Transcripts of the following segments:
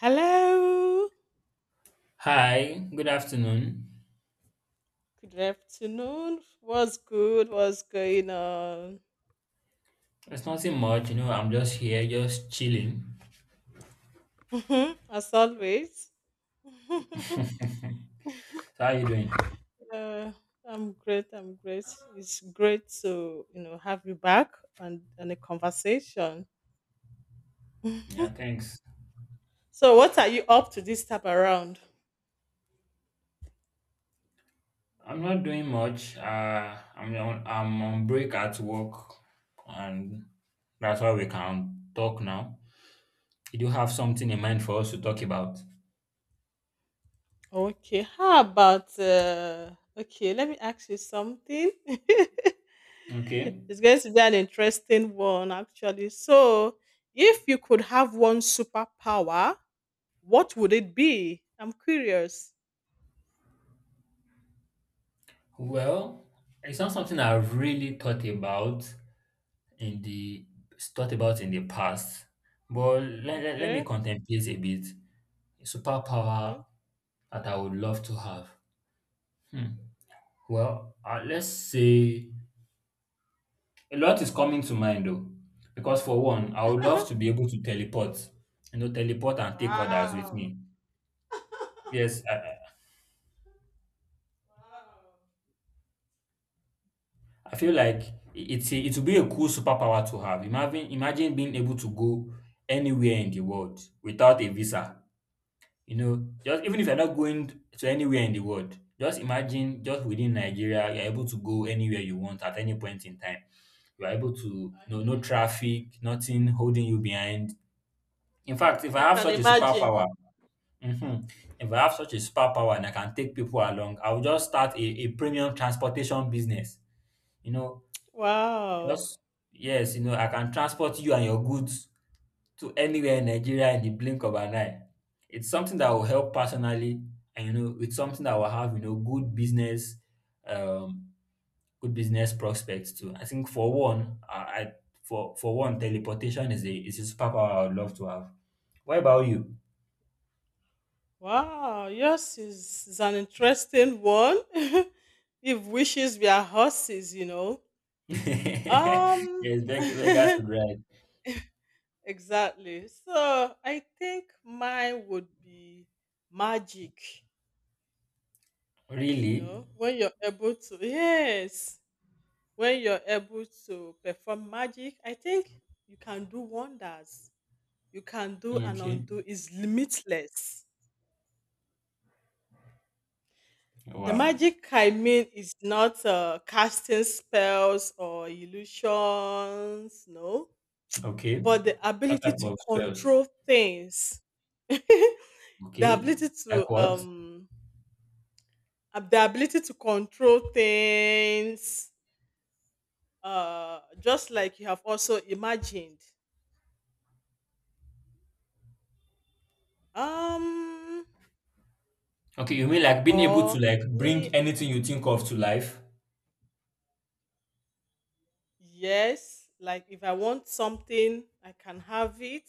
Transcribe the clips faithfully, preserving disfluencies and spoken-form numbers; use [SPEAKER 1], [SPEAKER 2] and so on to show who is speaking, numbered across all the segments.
[SPEAKER 1] Hello.
[SPEAKER 2] Hi, good afternoon.
[SPEAKER 1] Good afternoon. What's good? What's going on?
[SPEAKER 2] It's nothing much, you know, I'm just here, just chilling.
[SPEAKER 1] As always.
[SPEAKER 2] So how you doing?
[SPEAKER 1] uh, I'm great. I'm great. It's great to, you know, have you back on, on a conversation.
[SPEAKER 2] Yeah, thanks.
[SPEAKER 1] So what are you up to this time around?
[SPEAKER 2] I'm not doing much. Uh, I'm on, I'm on break at work, and that's why we can talk now. You do have something in mind for us to talk about?
[SPEAKER 1] Okay, how about uh, okay? Let me ask you something.
[SPEAKER 2] Okay.
[SPEAKER 1] It's going to be an interesting one, actually. So, if you could have one superpower, what would it be? I'm curious.
[SPEAKER 2] Well, it's not something I've really thought about in the thought about in the past, but let, let, let me
[SPEAKER 1] Okay.
[SPEAKER 2] contemplate a bit.
[SPEAKER 1] Okay.
[SPEAKER 2] Superpower that I would love to have. Hmm. Well, uh, let's say a lot is coming to mind though, because for one, I would love to be able to teleport, you know, teleport and take others with
[SPEAKER 1] Wow.
[SPEAKER 2] me.
[SPEAKER 1] Wow.
[SPEAKER 2] Yes, I, I I feel like i- it's a, it would be a cool superpower to have. Imagine imagine being able to go anywhere in the world without a visa. You know, just even if you're not going to anywhere in the world, just imagine just within Nigeria, you're able to go anywhere you want at any point in time. You are able to
[SPEAKER 1] I
[SPEAKER 2] no no
[SPEAKER 1] can imagine.
[SPEAKER 2] traffic, nothing holding you behind. In fact, if I
[SPEAKER 1] I
[SPEAKER 2] have
[SPEAKER 1] can
[SPEAKER 2] such a
[SPEAKER 1] imagine.
[SPEAKER 2] superpower, mhm, if I have such a superpower and I can take people along, I will just start a, a premium transportation business. You know,
[SPEAKER 1] Wow.
[SPEAKER 2] just yes, you know, I can transport you and your goods to anywhere in Nigeria in the blink of an eye. It's something that will help personally, and you know, it's something that will have you know good business um good business prospects too. I think for one, I, I for for one, teleportation is a is a superpower I would love to have. What about you?
[SPEAKER 1] Wow, yours is, is an interesting one. If wishes were horses, you know. Um,
[SPEAKER 2] Yes, Ve- Vegas would ride.
[SPEAKER 1] exactly. So I think mine would be magic, you
[SPEAKER 2] Really?
[SPEAKER 1] know, when you're able to, yes, when you're able to perform magic, I think you can do wonders. You can do and
[SPEAKER 2] Okay.
[SPEAKER 1] undo is limitless. The
[SPEAKER 2] Wow.
[SPEAKER 1] magic I mean is not uh, casting spells or illusions, no,
[SPEAKER 2] Okay.
[SPEAKER 1] but the
[SPEAKER 2] What
[SPEAKER 1] ability
[SPEAKER 2] type
[SPEAKER 1] to
[SPEAKER 2] of spells?
[SPEAKER 1] control things, the
[SPEAKER 2] Okay.
[SPEAKER 1] ability
[SPEAKER 2] Like
[SPEAKER 1] to
[SPEAKER 2] what?
[SPEAKER 1] um, ab- the ability to control things, uh, just like you have also imagined. Um,
[SPEAKER 2] Okay, you mean like being able to
[SPEAKER 1] or
[SPEAKER 2] like bring
[SPEAKER 1] me,
[SPEAKER 2] anything you think of to life?
[SPEAKER 1] yes, like if I want something, I can have it,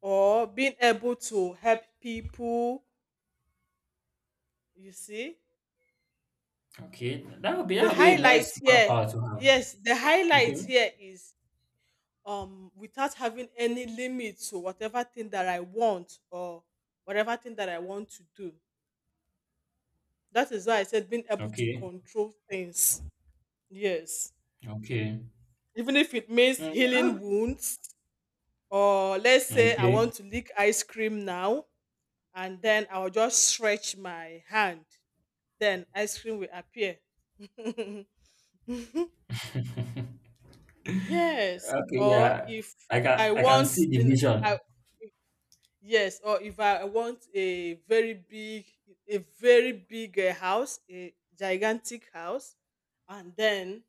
[SPEAKER 1] or being able to help people. You see?
[SPEAKER 2] Okay, that would be that
[SPEAKER 1] The
[SPEAKER 2] would be a nice
[SPEAKER 1] highlight here,
[SPEAKER 2] superpower to have.
[SPEAKER 1] yes, the highlight
[SPEAKER 2] Okay.
[SPEAKER 1] here is um without having any limit to whatever thing that I want or whatever thing that I want to do. That is why I said being able to
[SPEAKER 2] Okay.
[SPEAKER 1] control things. Yes.
[SPEAKER 2] Okay.
[SPEAKER 1] Even if it means
[SPEAKER 2] Mm,
[SPEAKER 1] healing
[SPEAKER 2] that
[SPEAKER 1] wounds, or let's
[SPEAKER 2] would-
[SPEAKER 1] say I
[SPEAKER 2] okay.
[SPEAKER 1] want to lick ice cream now, and then I'll just stretch my hand, then ice cream will appear. Yes,
[SPEAKER 2] Okay,
[SPEAKER 1] or
[SPEAKER 2] yeah.
[SPEAKER 1] if
[SPEAKER 2] I can
[SPEAKER 1] I
[SPEAKER 2] I can
[SPEAKER 1] want,
[SPEAKER 2] see the
[SPEAKER 1] you know,
[SPEAKER 2] vision.
[SPEAKER 1] I, yes, or if I want a very big, a very big uh, house, a gigantic house, and then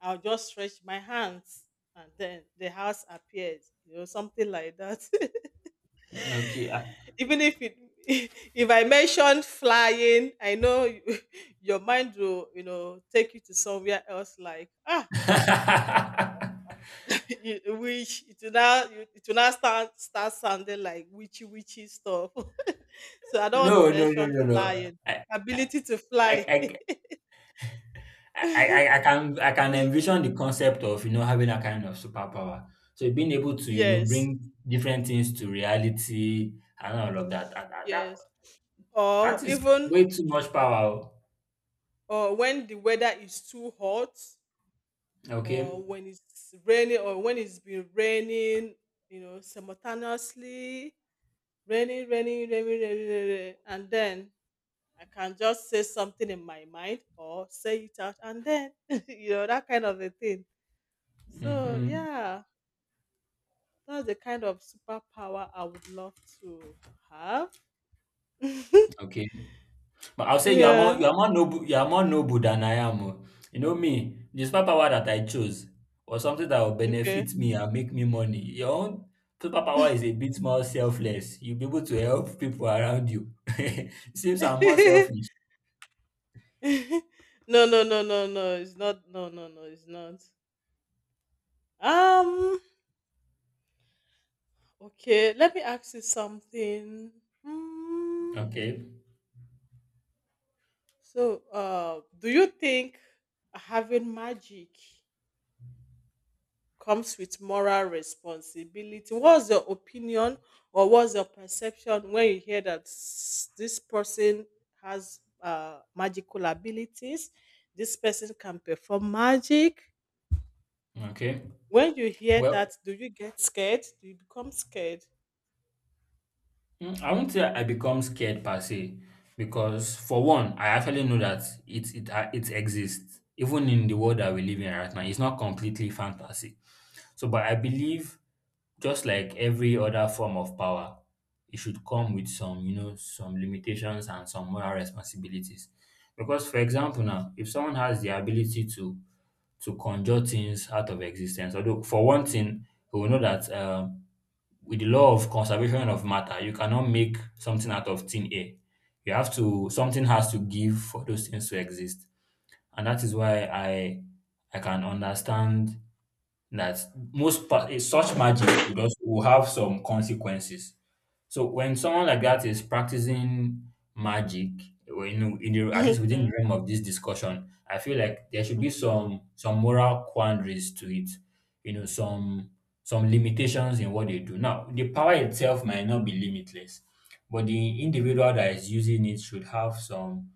[SPEAKER 1] I'll just stretch my hands, and then the house appears, you know, something like that.
[SPEAKER 2] Okay. I-
[SPEAKER 1] Even if it, if I mentioned flying, I know you- your mind will, you know, take you to somewhere else. Like ah, you, which it will now you, it will now start start sounding like witchy witchy stuff. So I don't want to
[SPEAKER 2] No, no, no,
[SPEAKER 1] mention
[SPEAKER 2] no, no.
[SPEAKER 1] flying,
[SPEAKER 2] I, I,
[SPEAKER 1] ability to
[SPEAKER 2] I,
[SPEAKER 1] fly.
[SPEAKER 2] I, I I- I can I can envision the concept of you know having a kind of superpower. So being able to you know
[SPEAKER 1] Yes,
[SPEAKER 2] bring different things to reality and all of that. That that, that,
[SPEAKER 1] yes, or
[SPEAKER 2] that is
[SPEAKER 1] even
[SPEAKER 2] way too much power. Oh.
[SPEAKER 1] or when the weather is too hot,
[SPEAKER 2] Okay.
[SPEAKER 1] or when it's raining, or when it's been raining, you know, simultaneously raining, raining, raining, raining, raining, raining and then I can just say something in my mind or say it out and then, you know, that kind of a thing. So,
[SPEAKER 2] Mm-hmm.
[SPEAKER 1] yeah, that's the kind of superpower I would love to have.
[SPEAKER 2] Okay. But I'll say you are more
[SPEAKER 1] Yeah.
[SPEAKER 2] you are more noble you are more noble than I am oh. You know me, the superpower that I chose was something that will
[SPEAKER 1] Okay.
[SPEAKER 2] benefit me and make me money. Your own superpower is a bit more selfless. You'll be able to help people around you. Seems I'm more selfish.
[SPEAKER 1] No, no, no, no, no. It's not. No, no, no. It's not. Um. Okay. Let me ask you something. Hmm.
[SPEAKER 2] Okay.
[SPEAKER 1] So, uh, do you think having magic comes with moral responsibility. What's your opinion or what's your perception when you hear that s- this person has uh, magical abilities? This person can perform magic.
[SPEAKER 2] Okay.
[SPEAKER 1] When you hear
[SPEAKER 2] Well,
[SPEAKER 1] that, do you get scared? Do you become scared?
[SPEAKER 2] mm, I won't say I become scared per se, because for one, I actually know that it it uh, it exists even in the world that we live in right now. It's not completely fantasy. So, but I believe just like every other form of power, it should come with some you know some limitations and some moral responsibilities. Because for example, now if someone has the ability to to conjure things out of existence. Although for one thing, we will know that um with the law of conservation of matter, you cannot make something out of thin air. You have to something has to give for those things to exist. And that is why I I can understand that most pa- eh, such magic would also will have some consequences. So when someone like that is practicing magic, or, you know, in the, at least within the
[SPEAKER 1] Okay,
[SPEAKER 2] realm of this discussion, I feel like there should be
[SPEAKER 1] okay.
[SPEAKER 2] some some moral quandaries to it. You know, some some limitations in what they do. Now, the power itself might not be limitless, but the individual that is using it should have some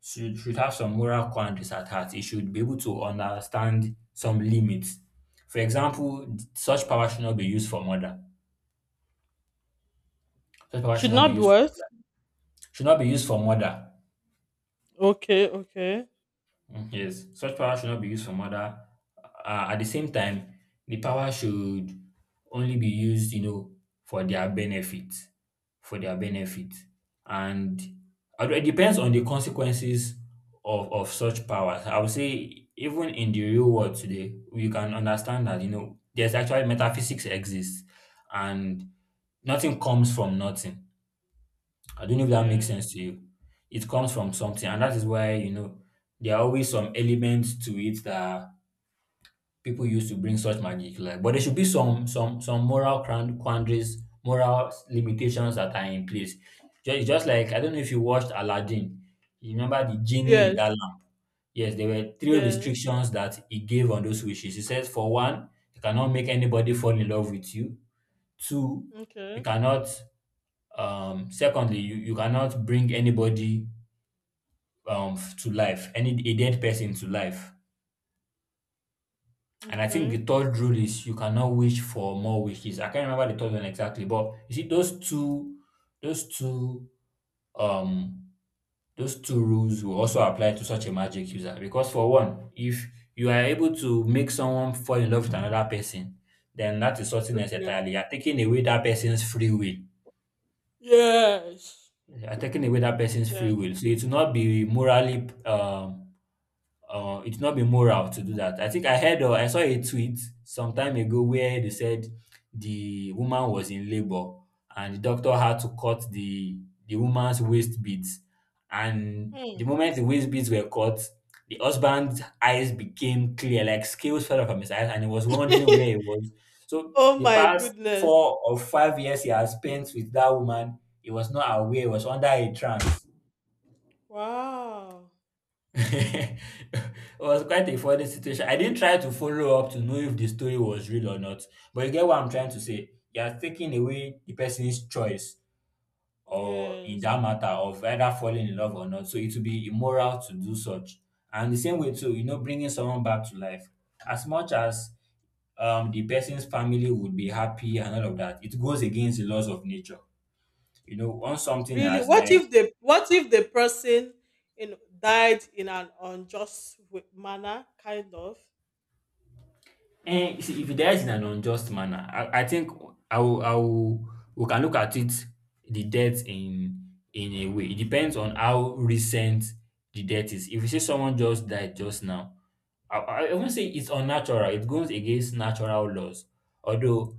[SPEAKER 2] should should have some moral quandaries at heart. It should be able to understand some limits. For example, such power should not be used for murder. Such power should
[SPEAKER 1] Should
[SPEAKER 2] not be
[SPEAKER 1] not be
[SPEAKER 2] used
[SPEAKER 1] what?
[SPEAKER 2] should not be used for murder.
[SPEAKER 1] Okay, okay.
[SPEAKER 2] Mm, yes, such power should not be used for murder. Uh, at the same time, the power should only be used, you know, for their benefit, for their benefit, and although it depends on the consequences of of such powers. I would say even in the real world today, we can understand that you know there's actually metaphysics exists, and nothing comes from nothing I don't know if that makes
[SPEAKER 1] Yes,
[SPEAKER 2] sense to you. It comes from something, and that is why you know there are always some elements to it that people use to bring such magic. Like, but there should be some some some moral cran- quandaries, moral limitations that are in place. Ju- It's just like I don't know if you watched Aladdin. You remember the genie in
[SPEAKER 1] yes,
[SPEAKER 2] that
[SPEAKER 1] yes.
[SPEAKER 2] lamp? Yes, there were three
[SPEAKER 1] Yes.
[SPEAKER 2] restrictions that he gave on those wishes. He says, for one, you cannot make anybody fall in love with you. Two, you
[SPEAKER 1] Okay,
[SPEAKER 2] cannot um secondly you, you cannot bring anybody um to life any a dead person to life, and I think the
[SPEAKER 1] okay,
[SPEAKER 2] third rule is you cannot wish for more wishes. I can't remember the third one exactly, but you see those two those two um those two rules will also apply to such a magic user, because for one, if you are able to make someone fall in love with another person, then that is something else
[SPEAKER 1] okay.
[SPEAKER 2] entirely. You are taking away that person's free will,
[SPEAKER 1] Yes,
[SPEAKER 2] you are taking away that person's free
[SPEAKER 1] yes.
[SPEAKER 2] will, so it will not be morally um uh, it's not be moral to do that. I think I heard or I saw a tweet some time ago where they said the woman was in labor and the doctor had to cut the the woman's waist beads. And the
[SPEAKER 1] Hmm.
[SPEAKER 2] moment the waist beads were cut, the husband's eyes became clear, like scales fell off from his eyes, and he was wondering where he was. So
[SPEAKER 1] Oh
[SPEAKER 2] the
[SPEAKER 1] my
[SPEAKER 2] past
[SPEAKER 1] goodness.
[SPEAKER 2] four or five years he has spent with that woman, he was not aware, he was under a trance.
[SPEAKER 1] Wow.
[SPEAKER 2] It was quite a funny situation. I didn't try to follow up to know if the story was real or not, but you get what I'm trying to say. You are taking away the person's choice or in
[SPEAKER 1] Yes.
[SPEAKER 2] that matter of either falling in love or not. So it would be immoral to do such. And the same way too, you know, bringing someone back to life. As much as um the person's family would be happy and all of that, it goes against the laws of nature. You know, once something
[SPEAKER 1] Really.
[SPEAKER 2] has
[SPEAKER 1] What
[SPEAKER 2] died,
[SPEAKER 1] if the what if the person you know died in an unjust w- manner, kind of?
[SPEAKER 2] eh, see, if it dies in an unjust manner, I, I think I will, I will, we can look at it the death in in a way. It depends on how recent the death is. If you say someone just died just now, I, I I won't say it's unnatural. It goes against natural laws. Although,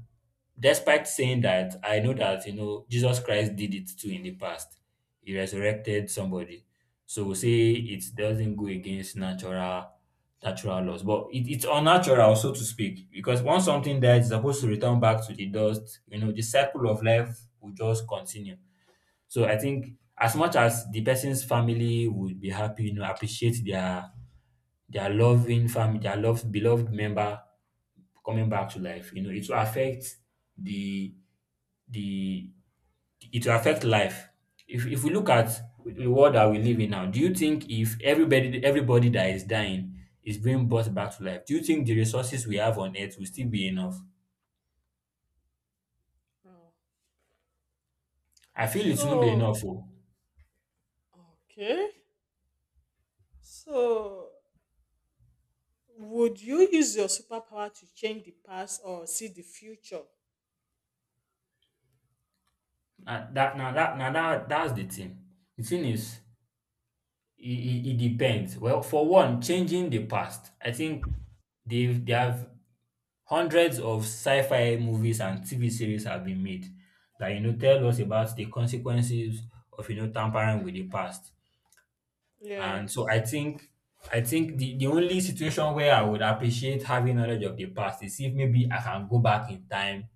[SPEAKER 2] despite saying that, I know that you know Jesus Christ did it too in the past. He resurrected somebody, so we say it doesn't go against natural natural loss, but it it's unnatural, so to speak, because once something dies, it's supposed to return back to the dust. You know, the cycle of life will just continue. So I think as much as the person's family would be happy, you know, appreciate their their loving family, their loved beloved member coming back to life, you know, it will affect the the it will affect life. If if we look at the world that we live in now, do you think if everybody everybody that is dying is being brought back to life, do you think the resources we have on earth will still be enough?
[SPEAKER 1] Oh.
[SPEAKER 2] I feel it won't be
[SPEAKER 1] So
[SPEAKER 2] enough. Oh.
[SPEAKER 1] okay. So would you use your superpower to change the past or see the future?
[SPEAKER 2] Uh, that now that now that that's the thing. The thing is, it, it, it depends. Well, for one, changing the past. I think they've they have hundreds of sci-fi movies and T V series have been made that you know tell us about the consequences of you know tampering with the past. And so I
[SPEAKER 1] Yes.
[SPEAKER 2] think I think the, the only situation where I would appreciate having knowledge of the past is if maybe I can go back in time.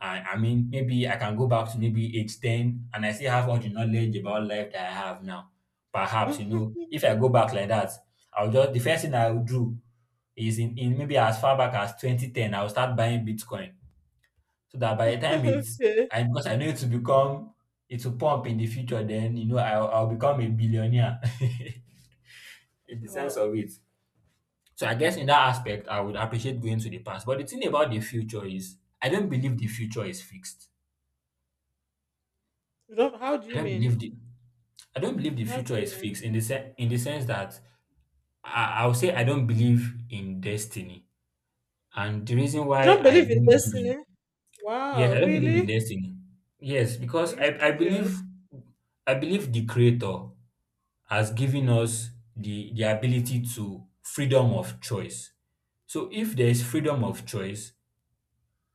[SPEAKER 2] And I mean, maybe I can go back to maybe age ten and I still have all the knowledge about life that I have now. Perhaps, you know, if I go back like that, I'll just, the first thing I will do is in, in maybe as far back as twenty ten, I'll start buying Bitcoin. So that by the time it's,
[SPEAKER 1] Okay.
[SPEAKER 2] I, because I know it will become, it will pump in the future, then, you know, I'll, I'll become a billionaire. In the sense
[SPEAKER 1] Wow.
[SPEAKER 2] of it. So I guess in that aspect, I would appreciate going to the past. But the thing about the future is, I don't believe the future is fixed.
[SPEAKER 1] You don't, how do
[SPEAKER 2] I
[SPEAKER 1] you
[SPEAKER 2] don't
[SPEAKER 1] mean?
[SPEAKER 2] believe the I don't believe the
[SPEAKER 1] How do
[SPEAKER 2] future
[SPEAKER 1] you
[SPEAKER 2] is
[SPEAKER 1] mean?
[SPEAKER 2] fixed in the sen- in the sense that I, i would say I don't believe in destiny. And the reason why
[SPEAKER 1] You don't
[SPEAKER 2] I
[SPEAKER 1] believe in
[SPEAKER 2] don't believe in
[SPEAKER 1] destiny?
[SPEAKER 2] Yes,
[SPEAKER 1] Wow,
[SPEAKER 2] I don't believe in
[SPEAKER 1] really?
[SPEAKER 2] destiny. Yes,
[SPEAKER 1] Are
[SPEAKER 2] because
[SPEAKER 1] you
[SPEAKER 2] I, I believe
[SPEAKER 1] serious?
[SPEAKER 2] I believe the creator has given us the, the ability to freedom of choice. So if there is freedom of choice,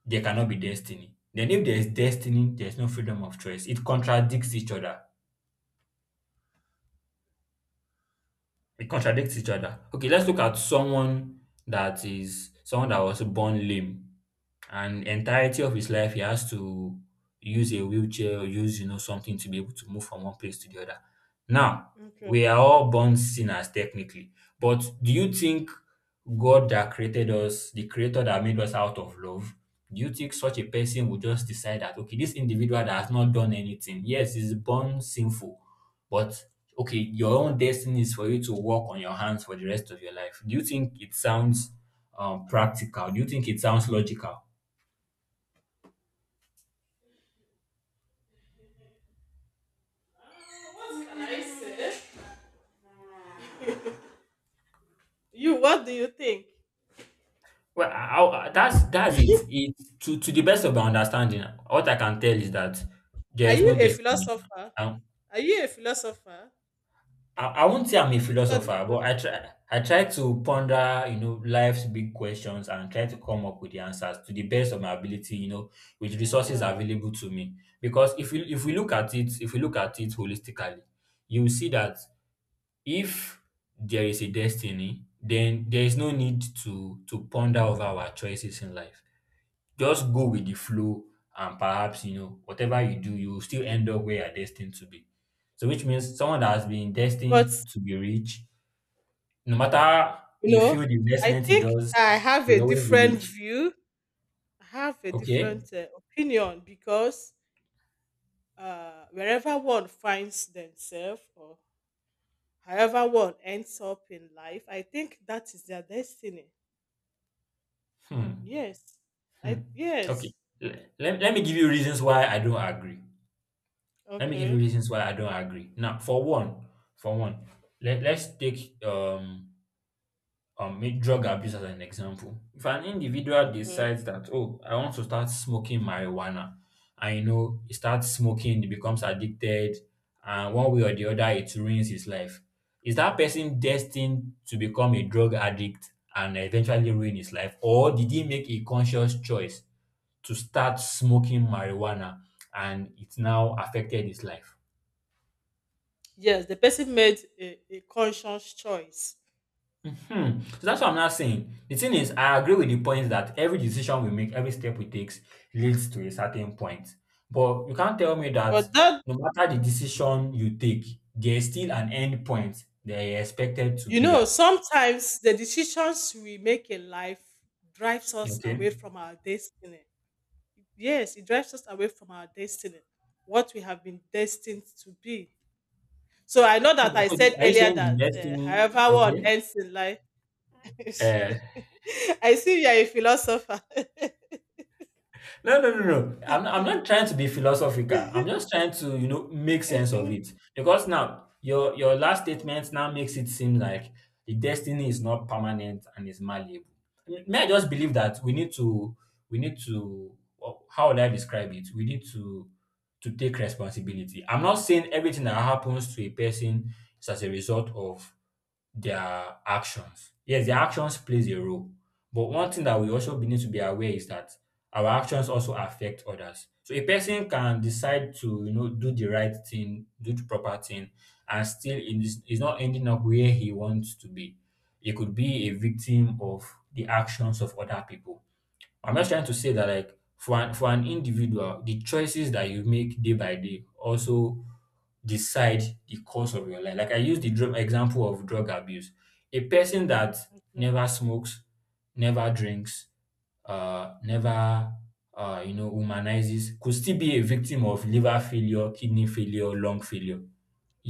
[SPEAKER 2] there cannot be destiny. Then if there is destiny, there is no freedom of choice. It contradicts each other. It contradicts each other. Okay, let's look at someone that is someone that was born lame and entirety of his life he has to use a wheelchair or use you know something to be able to move from one place to the other. Now,
[SPEAKER 1] Okay.
[SPEAKER 2] we are all born sinners technically, but do you think God that created us, the creator that made us out of love, do you think such a person would just decide that okay, this individual that has not done anything, yes, he's born sinful, but okay, your own destiny is for you to work on your hands for the rest of your life. Do you think it sounds um, practical? Do you think it sounds logical?
[SPEAKER 1] You, what do you think?
[SPEAKER 2] Well, I, I, that's that's it. It to to the best of my understanding, what I can tell is that there
[SPEAKER 1] Are
[SPEAKER 2] is no
[SPEAKER 1] you a
[SPEAKER 2] destiny.
[SPEAKER 1] philosopher? Are you a philosopher?
[SPEAKER 2] I, I won't say I'm a
[SPEAKER 1] Did you study
[SPEAKER 2] philosopher, but
[SPEAKER 1] philosophy?
[SPEAKER 2] I try I try to ponder, you know, life's big questions and try to come up with the answers to the best of my ability, you know, with resources
[SPEAKER 1] Ah.
[SPEAKER 2] available to me. Because if we if we look at it, if we look at it holistically, you will see that if there is a destiny, then there is no need to to ponder over our choices in life. Just go with the flow and perhaps, you know, whatever you do, you will still end up where you're destined to be. So which means someone that has been
[SPEAKER 1] But
[SPEAKER 2] destined to be rich, no matter
[SPEAKER 1] you
[SPEAKER 2] the
[SPEAKER 1] know,
[SPEAKER 2] field
[SPEAKER 1] I
[SPEAKER 2] investment he
[SPEAKER 1] think
[SPEAKER 2] does,
[SPEAKER 1] I have a
[SPEAKER 2] he'll always be
[SPEAKER 1] different
[SPEAKER 2] rich.
[SPEAKER 1] view. I have a
[SPEAKER 2] Okay?
[SPEAKER 1] different uh, opinion because uh, wherever one finds themselves or however one ends up in life, I think that is their destiny.
[SPEAKER 2] Hmm.
[SPEAKER 1] Yes. I
[SPEAKER 2] Hmm. Okay.
[SPEAKER 1] yes.
[SPEAKER 2] Le- Let, let me give you reasons why I don't agree. Let me give you
[SPEAKER 1] Okay.
[SPEAKER 2] reasons why I don't agree. Now, for one, for one, let, let's take um um, make drug abuse as an example. If an individual
[SPEAKER 1] Okay.
[SPEAKER 2] decides that, oh, I want to start smoking marijuana, and you know, he starts smoking, he becomes addicted, and one way or the other, it ruins his life. Is that person destined to become a drug addict and eventually ruin his life? Or did he make a conscious choice to start smoking marijuana and it's now affected his life?
[SPEAKER 1] Yes, the person made a, a conscious choice.
[SPEAKER 2] Hmm. So that's what I'm not saying. The thing is, I agree with the point that every decision we make, every step we take leads to a certain point. But you can't tell me that
[SPEAKER 1] But that
[SPEAKER 2] no matter the decision you take, there's still an end point that you're expected to
[SPEAKER 1] you
[SPEAKER 2] be
[SPEAKER 1] know,
[SPEAKER 2] at.
[SPEAKER 1] sometimes the decisions we make in life drives us
[SPEAKER 2] Okay.
[SPEAKER 1] away from our destiny. Yes, it drives us away from our destiny, what we have been destined to be. So I know
[SPEAKER 2] And
[SPEAKER 1] that I
[SPEAKER 2] so the-
[SPEAKER 1] said
[SPEAKER 2] are you
[SPEAKER 1] earlier
[SPEAKER 2] saying the
[SPEAKER 1] that uh,
[SPEAKER 2] destiny?
[SPEAKER 1] however one
[SPEAKER 2] Okay.
[SPEAKER 1] ends in life,
[SPEAKER 2] Uh,
[SPEAKER 1] I see you are a philosopher.
[SPEAKER 2] no, no, no, no. I'm I'm not trying to be philosophical. I'm just trying to, you know, make sense of it. Because now your your last statement now makes it seem like the destiny is not permanent and is malleable. M- May I just believe that we need to we need to wh- how would I describe it? We need to to take responsibility. I'm not saying everything that happens to a person is as a result of their actions. Yes, their actions plays a role. But one thing that we also be- need to be aware is that our actions also affect others. So a person can decide to, you know, do the right thing, do the proper thing, and still in this is not ending up where he wants to be. He could be a victim of the actions of other people. I'm just trying to say that like for an, for an individual, the choices that you make day by day also decide the course of your life. Like I used the drug example of drug abuse. A person that
[SPEAKER 1] Okay.
[SPEAKER 2] never smokes, never drinks, uh, never uh, you know, humanizes could still be a victim of liver failure, kidney failure, lung failure.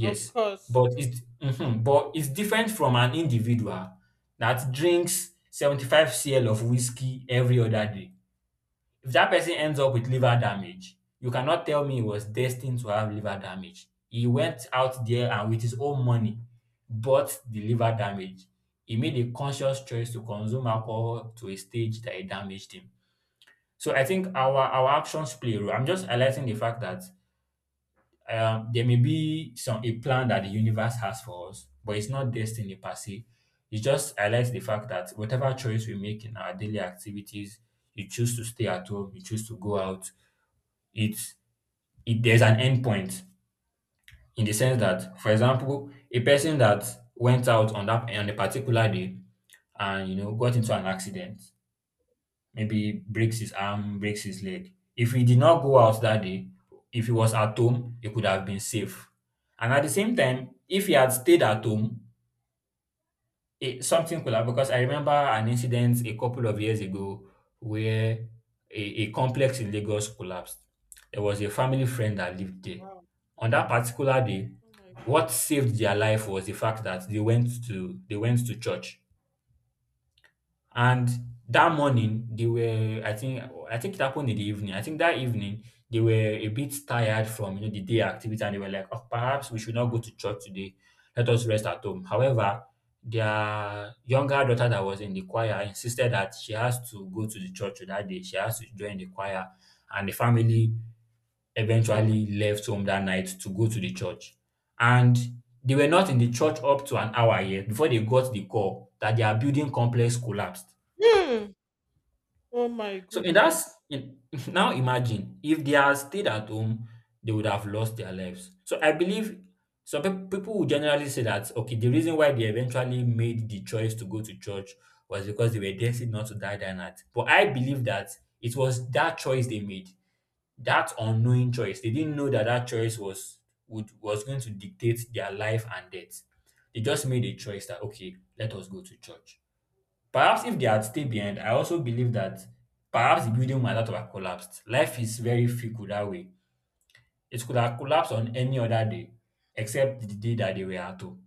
[SPEAKER 1] Of course.
[SPEAKER 2] but it's mhm, but it's different from an individual that drinks seventy-five cl of whiskey every other day. If that person ends up with liver damage, you cannot tell me he was destined to have liver damage. He went out there and with his own money bought the liver damage. He made a conscious choice to consume alcohol to a stage that it damaged him. So I think our our actions play a role. I'm just highlighting the fact that um, there may be some a plan that the universe has for us, but it's not destiny per se. It just highlights the fact that whatever choice we make in our daily activities, you choose to stay at home, you choose to go out, it's it, there's an endpoint in the sense
[SPEAKER 1] Okay.
[SPEAKER 2] that, for example, a person that went out on that on a particular day and you know got into an accident, maybe breaks his arm, breaks his leg. If he did not go out that day, if he was at home, he could have been safe. And at the same time, if he had stayed at home, It, something could have, because I remember an incident a couple of years ago where a, a complex in Lagos collapsed. There was a family friend that lived there.
[SPEAKER 1] Wow.
[SPEAKER 2] On that particular day,
[SPEAKER 1] Oh my
[SPEAKER 2] what
[SPEAKER 1] goodness.
[SPEAKER 2] saved their life was the fact that they went to they went to church and that morning, they were, I think, I think it happened in the evening. I think that evening they were a bit tired from you know the day activity, and they were like, "Oh, perhaps we should not go to church today. Let us rest at home." However, their younger daughter that was in the choir insisted that she has to go to the church that day. She has to join the choir, and the family
[SPEAKER 1] Okay.
[SPEAKER 2] eventually left home that night to go to the church. And they were not in the church up to an hour yet before they got the call that their building complex collapsed.
[SPEAKER 1] Hmm. Oh my
[SPEAKER 2] So in that s-
[SPEAKER 1] goodness.
[SPEAKER 2] in, now imagine if they had stayed at home, they would have lost their lives. So I believe some peop- people would generally say that okay, the reason why they eventually made the choice to go to church was because they were destined not to die that night. But I believe that it was that choice they made, that unknowing choice. They didn't know that that choice was would was going to dictate their life and death. They just made a choice that okay, let us go to church. Perhaps if they had stayed behind, I also believe that perhaps the building might not have collapsed. Life is very fickle that way. It could have collapsed on any other day except the day that they were at home.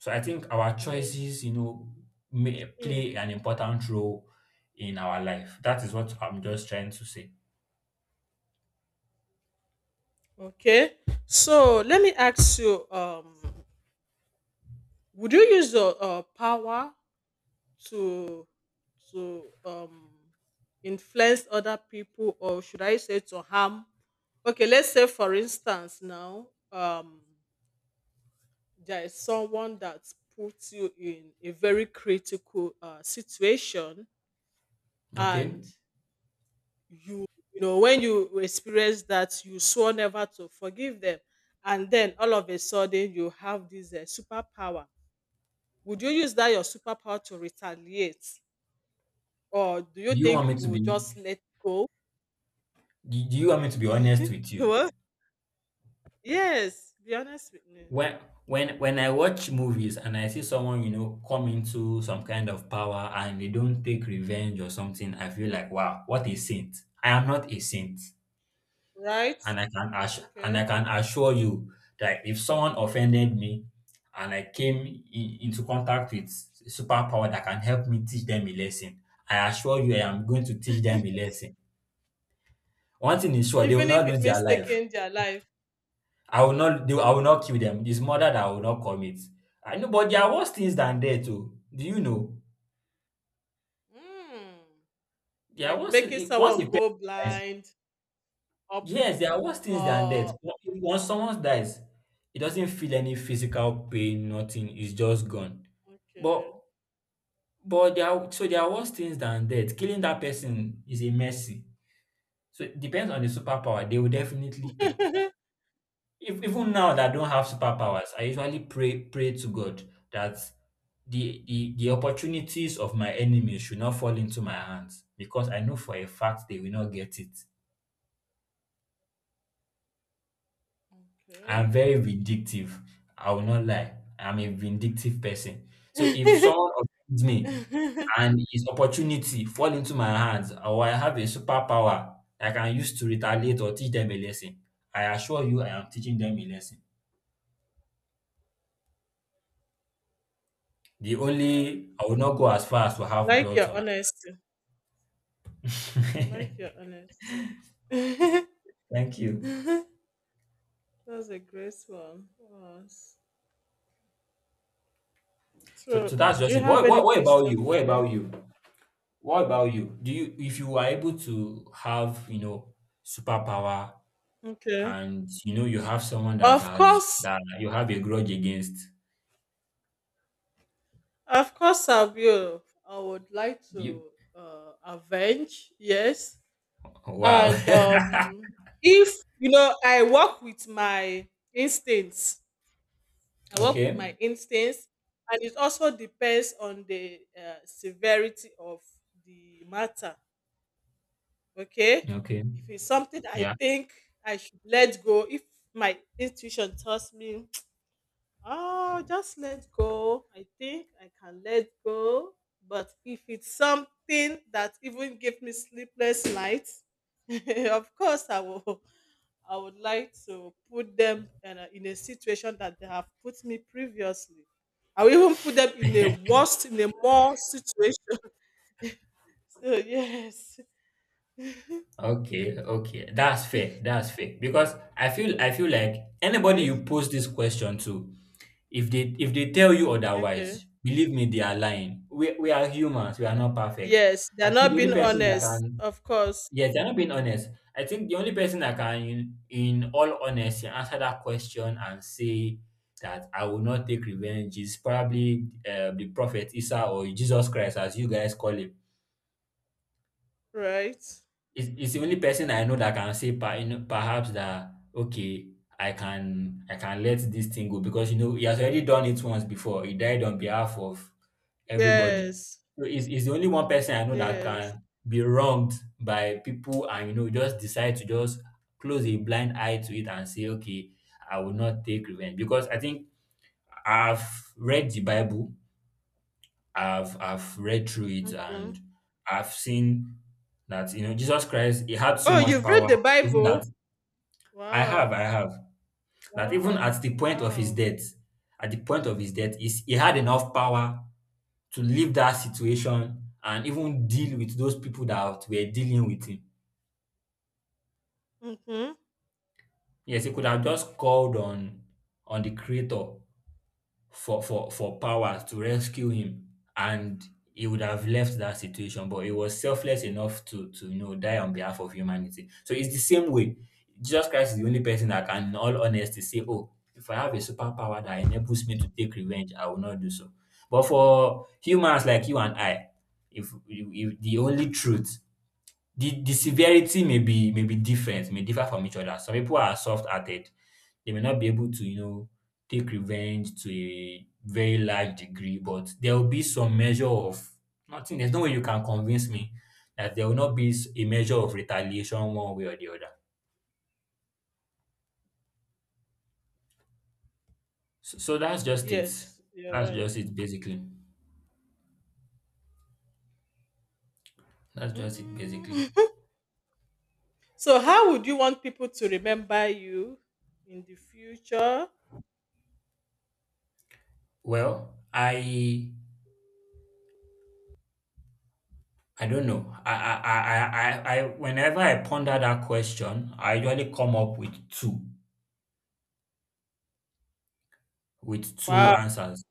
[SPEAKER 2] So I think our
[SPEAKER 1] Yes.
[SPEAKER 2] choices, you know, may
[SPEAKER 1] Hmm.
[SPEAKER 2] play an important role in our life. That is what I'm just trying to say.
[SPEAKER 1] Okay. So let me ask you, um, would you use your uh, power to to um influence other people or should I say to harm? Okay, let's say for instance now, um there is someone that puts you in a very critical uh, situation
[SPEAKER 2] Okay?
[SPEAKER 1] and
[SPEAKER 2] Do
[SPEAKER 1] you you know when you experience that you swore never to forgive them and then all of a sudden you have this uh, superpower, would you use that your superpower to retaliate or do you
[SPEAKER 2] you want
[SPEAKER 1] think
[SPEAKER 2] me
[SPEAKER 1] you
[SPEAKER 2] to
[SPEAKER 1] will
[SPEAKER 2] be do
[SPEAKER 1] just let go.
[SPEAKER 2] do you want me to be honest with you?
[SPEAKER 1] Well, yes, be honest with me,
[SPEAKER 2] when when when I watch movies and I see someone, you know, come into some kind of power and they don't take revenge or something, I feel like, wow, what a saint. I am not a saint.
[SPEAKER 1] right.
[SPEAKER 2] And I can assure,
[SPEAKER 1] Okay,
[SPEAKER 2] and I can assure you that if someone offended me and I came in, into contact with superpower that can help me teach them a lesson, I assure you I am going to teach them a lesson. One thing is sure, they will
[SPEAKER 1] even if
[SPEAKER 2] not
[SPEAKER 1] it
[SPEAKER 2] lose their
[SPEAKER 1] means
[SPEAKER 2] life.
[SPEAKER 1] taking their life.
[SPEAKER 2] I will not do I will not kill them. It's murder that I will not commit. I know, but there are worse things than death too. Do you know?
[SPEAKER 1] Mm,
[SPEAKER 2] There are
[SPEAKER 1] like
[SPEAKER 2] worse
[SPEAKER 1] making
[SPEAKER 2] things- once a
[SPEAKER 1] someone
[SPEAKER 2] person
[SPEAKER 1] go
[SPEAKER 2] dies.
[SPEAKER 1] blind, or
[SPEAKER 2] Yes, there are worse things than death.
[SPEAKER 1] or
[SPEAKER 2] Once someone dies, it doesn't feel any physical pain, nothing. It's just gone. But
[SPEAKER 1] okay.
[SPEAKER 2] but there are so there are worse things than death. Killing that person is a mercy. So it depends on the superpower. They will definitely pay. If, even now that I don't have
[SPEAKER 1] Oh,
[SPEAKER 2] superpowers, I usually pray pray to God that the, the the opportunities of my enemies should not fall into my hands because I know for a fact they will not get it.
[SPEAKER 1] okay.
[SPEAKER 2] I'm very vindictive. I will not lie. I'm a vindictive person. So if someone offends me and his opportunity fall into my hands, or I have a superpower I can use to retaliate or teach them a lesson, I assure you I am teaching them a lesson. The
[SPEAKER 1] Wow.
[SPEAKER 2] only— I would not go as far as to have
[SPEAKER 1] Like
[SPEAKER 2] bloods
[SPEAKER 1] your
[SPEAKER 2] on my
[SPEAKER 1] honesty. Like your honesty.
[SPEAKER 2] Thank you.
[SPEAKER 1] That's a great one. Yes.
[SPEAKER 2] So
[SPEAKER 1] So,
[SPEAKER 2] so that's
[SPEAKER 1] do
[SPEAKER 2] just
[SPEAKER 1] you
[SPEAKER 2] it.
[SPEAKER 1] have
[SPEAKER 2] What
[SPEAKER 1] any
[SPEAKER 2] what what about
[SPEAKER 1] question
[SPEAKER 2] you?
[SPEAKER 1] for
[SPEAKER 2] What
[SPEAKER 1] me?
[SPEAKER 2] about you? What about you? Do you— if you were able to have, you know, superpower,
[SPEAKER 1] Okay.
[SPEAKER 2] and you know you have someone that
[SPEAKER 1] Of
[SPEAKER 2] has—
[SPEAKER 1] course,
[SPEAKER 2] that you have a grudge against
[SPEAKER 1] of course, I will. I would like
[SPEAKER 2] you—
[SPEAKER 1] to uh, avenge, yes.
[SPEAKER 2] wow.
[SPEAKER 1] And um, if, you know, I work with my instincts, I work with my
[SPEAKER 2] Okay.
[SPEAKER 1] instincts, and it also depends on the uh, severity of the matter. Okay,
[SPEAKER 2] Okay.
[SPEAKER 1] if it's something I
[SPEAKER 2] Yeah.
[SPEAKER 1] think I should let go, if my intuition tells me, oh, just let go, I think I can let go. But if it's something that even gave me sleepless nights, of course I will, I would like to put them in a, in a situation that they have put me previously. I will even put them in a worst, in a more situation. So yes, hmm,
[SPEAKER 2] Okay, okay. That's fair. That's fair. Because I feel I feel like anybody
[SPEAKER 1] right?
[SPEAKER 2] you pose this question to, if they if they tell you
[SPEAKER 1] Okay.
[SPEAKER 2] otherwise, believe me, they are lying. We we are humans, we are not perfect.
[SPEAKER 1] Yes, they're
[SPEAKER 2] I think
[SPEAKER 1] not
[SPEAKER 2] the only
[SPEAKER 1] being
[SPEAKER 2] person that
[SPEAKER 1] honest,
[SPEAKER 2] can
[SPEAKER 1] of course,
[SPEAKER 2] Yes, they're not being honest. I think the only person that can, in, in all honesty, answer that question and say that I will not take revenge is probably uh, the prophet Isa, or Jesus Christ as you guys call him.
[SPEAKER 1] right?
[SPEAKER 2] It's it's the only person I know that can say per— you know, perhaps that, okay, I can I can let this thing go, because you know he has already done it once before. He died on behalf of everybody.
[SPEAKER 1] Yes,
[SPEAKER 2] So it's it's the only one person I know that
[SPEAKER 1] yes.
[SPEAKER 2] can be wronged by people and, you know, just decide to just close a blind eye to it and say, okay, I will not take revenge. Because I think I've read the Bible. I've I've read through it,
[SPEAKER 1] Mhm.
[SPEAKER 2] and I've seen that, you know, Jesus Christ, he had so
[SPEAKER 1] Oh,
[SPEAKER 2] much
[SPEAKER 1] you've
[SPEAKER 2] power.
[SPEAKER 1] read the
[SPEAKER 2] Even
[SPEAKER 1] Bible?
[SPEAKER 2] that I have
[SPEAKER 1] Wow,
[SPEAKER 2] I have that even
[SPEAKER 1] wow,
[SPEAKER 2] at the point of his
[SPEAKER 1] wow.
[SPEAKER 2] death, at the point of his death, is— he had enough power to leave that situation and even deal with those people that were dealing with him.
[SPEAKER 1] Hmm.
[SPEAKER 2] Yes, he could have just called on— on the creator for for for power to rescue him, and he would have left that situation, but he was selfless enough to— to, you know, die on behalf of humanity. So it's the same way. Jesus Christ is the only person that can, in all honesty, say, oh, if I have a superpower that enables me to take revenge, I will not do so. But for humans like you and I, if, if the only truth— the the severity may be— may be different, may differ from each other. Some people are soft-hearted. They may not be able to, you know, take revenge to a very large degree, but there will be some measure of— nothing. There's no way you can convince me that there will not be s- a measure of retaliation one way or the other. So, so that's just it.
[SPEAKER 1] Yes, you're
[SPEAKER 2] That's
[SPEAKER 1] right.
[SPEAKER 2] just it, basically. That's just it, basically.
[SPEAKER 1] Mm. So, how would you want people to remember you in the future?
[SPEAKER 2] Well, I— I don't know. I I I I, I I- whenever I ponder that question, I usually come up with two— with two
[SPEAKER 1] Wow.
[SPEAKER 2] answers,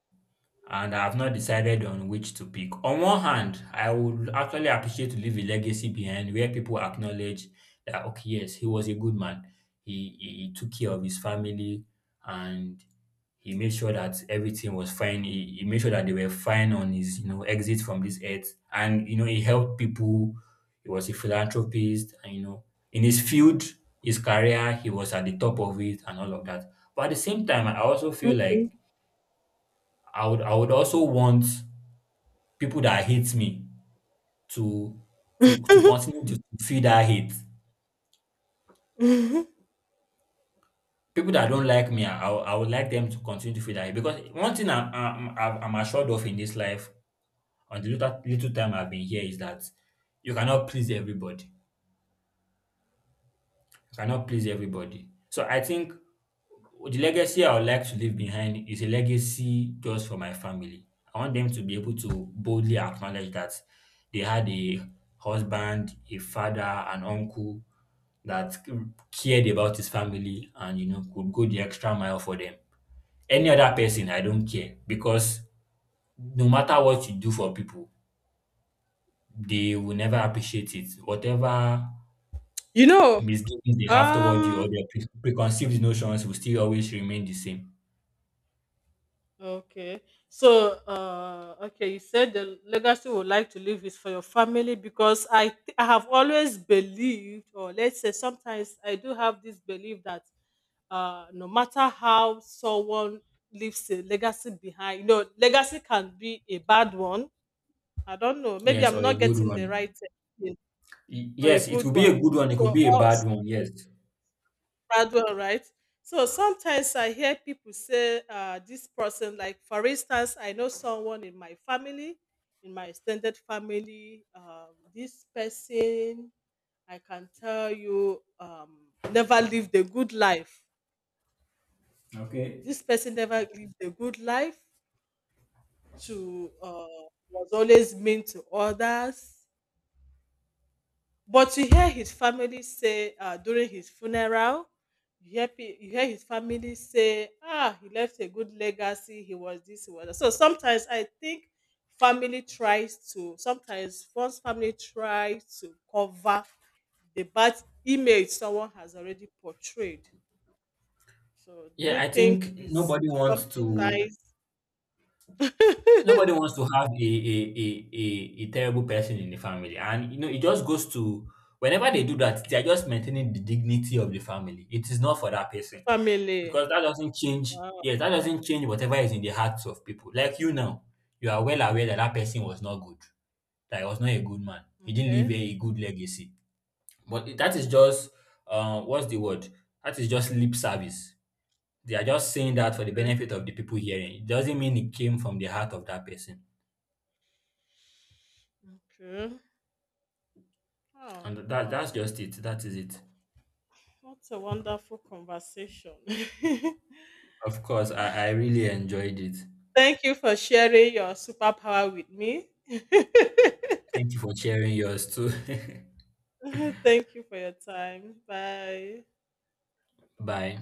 [SPEAKER 2] and I have not decided on which to pick. On one hand, I would actually appreciate to leave a legacy behind where people acknowledge that, okay, yes, he was a good man. He, he, he took care of his family and he made sure that everything was fine. He, he made sure that they were fine on his, you know, exit from this earth. And, you know, he helped people. He was a philanthropist. And, you know, in his field, his career, he was at the top of it and all of that. But at the same time, I also feel
[SPEAKER 1] Okay.
[SPEAKER 2] like I would I would also want people that hate me to— to to continue to feel that hate. People that don't like me, I I would like them to continue to feel that hate, because one thing I'm I'm, I'm I'm assured of in this life, on the little, little time I've been here, is that you cannot please everybody. I cannot please everybody. So I think the legacy I would like to leave behind is a legacy just for my family. I want them to be able to boldly acknowledge that they had a husband, a father, an uncle, that cared about his family and, you know, could go the extra mile for them. Any other person, I don't care, because no matter what you do for people, they will never appreciate it. Whatever
[SPEAKER 1] you know,
[SPEAKER 2] misgivings they have toward you, or
[SPEAKER 1] um,
[SPEAKER 2] their pre- preconceived notions, will still always remain the same.
[SPEAKER 1] okay. So, uh, okay, you said the legacy would like to leave is for your family because I, th- I have always believed, or let's say sometimes I do have this belief that uh, no matter how someone leaves a legacy behind, you know, legacy can be a bad one. I don't know. Maybe
[SPEAKER 2] Yes,
[SPEAKER 1] I'm
[SPEAKER 2] or a
[SPEAKER 1] not
[SPEAKER 2] good
[SPEAKER 1] getting the right.
[SPEAKER 2] one. Y-
[SPEAKER 1] Or a
[SPEAKER 2] Yes, it
[SPEAKER 1] good
[SPEAKER 2] could be
[SPEAKER 1] one.
[SPEAKER 2] a good one, it could
[SPEAKER 1] So
[SPEAKER 2] be a
[SPEAKER 1] all
[SPEAKER 2] bad one, yes.
[SPEAKER 1] bad one, right? So sometimes I hear people say uh, this person, like for instance, I know someone in my family, in my extended family, um, this person I can tell you um, never lived a good life.
[SPEAKER 2] Okay.
[SPEAKER 1] This person never lived a good life. To uh, was always mean to others. But you hear his family say uh, during his funeral, you hear, pe- you hear his family say, ah, he left a good legacy, he was this, he was that. So sometimes I think family tries to, sometimes one's family tries to cover the bad image someone has already portrayed. So do
[SPEAKER 2] Yeah,
[SPEAKER 1] you
[SPEAKER 2] I
[SPEAKER 1] think
[SPEAKER 2] think
[SPEAKER 1] is
[SPEAKER 2] nobody wants
[SPEAKER 1] something
[SPEAKER 2] to—
[SPEAKER 1] nice?
[SPEAKER 2] nobody wants to have a a, a, a, a terrible person in the family. And you know, it just goes to— whenever they do that, they are just maintaining the dignity of the family. It is not for that person.
[SPEAKER 1] Family.
[SPEAKER 2] Because that doesn't change—
[SPEAKER 1] Wow.
[SPEAKER 2] yes, that doesn't change whatever is in the hearts of people. Like you now, you are well aware that that person was not good, that he was not a good man. He didn't leave
[SPEAKER 1] Okay.
[SPEAKER 2] a a good legacy. But it— that is just uh, what's the word? That is just lip service. They are just saying that for the
[SPEAKER 1] Okay.
[SPEAKER 2] benefit of the people hearing. It doesn't mean it came from the heart of that person.
[SPEAKER 1] Okay. Oh,
[SPEAKER 2] And that
[SPEAKER 1] wow.
[SPEAKER 2] that's just it. That is it.
[SPEAKER 1] What a wonderful conversation.
[SPEAKER 2] Of course, I, I really enjoyed it.
[SPEAKER 1] Thank you for sharing your superpower with me.
[SPEAKER 2] Thank you for sharing yours too.
[SPEAKER 1] Thank you for your time. Bye.
[SPEAKER 2] Bye.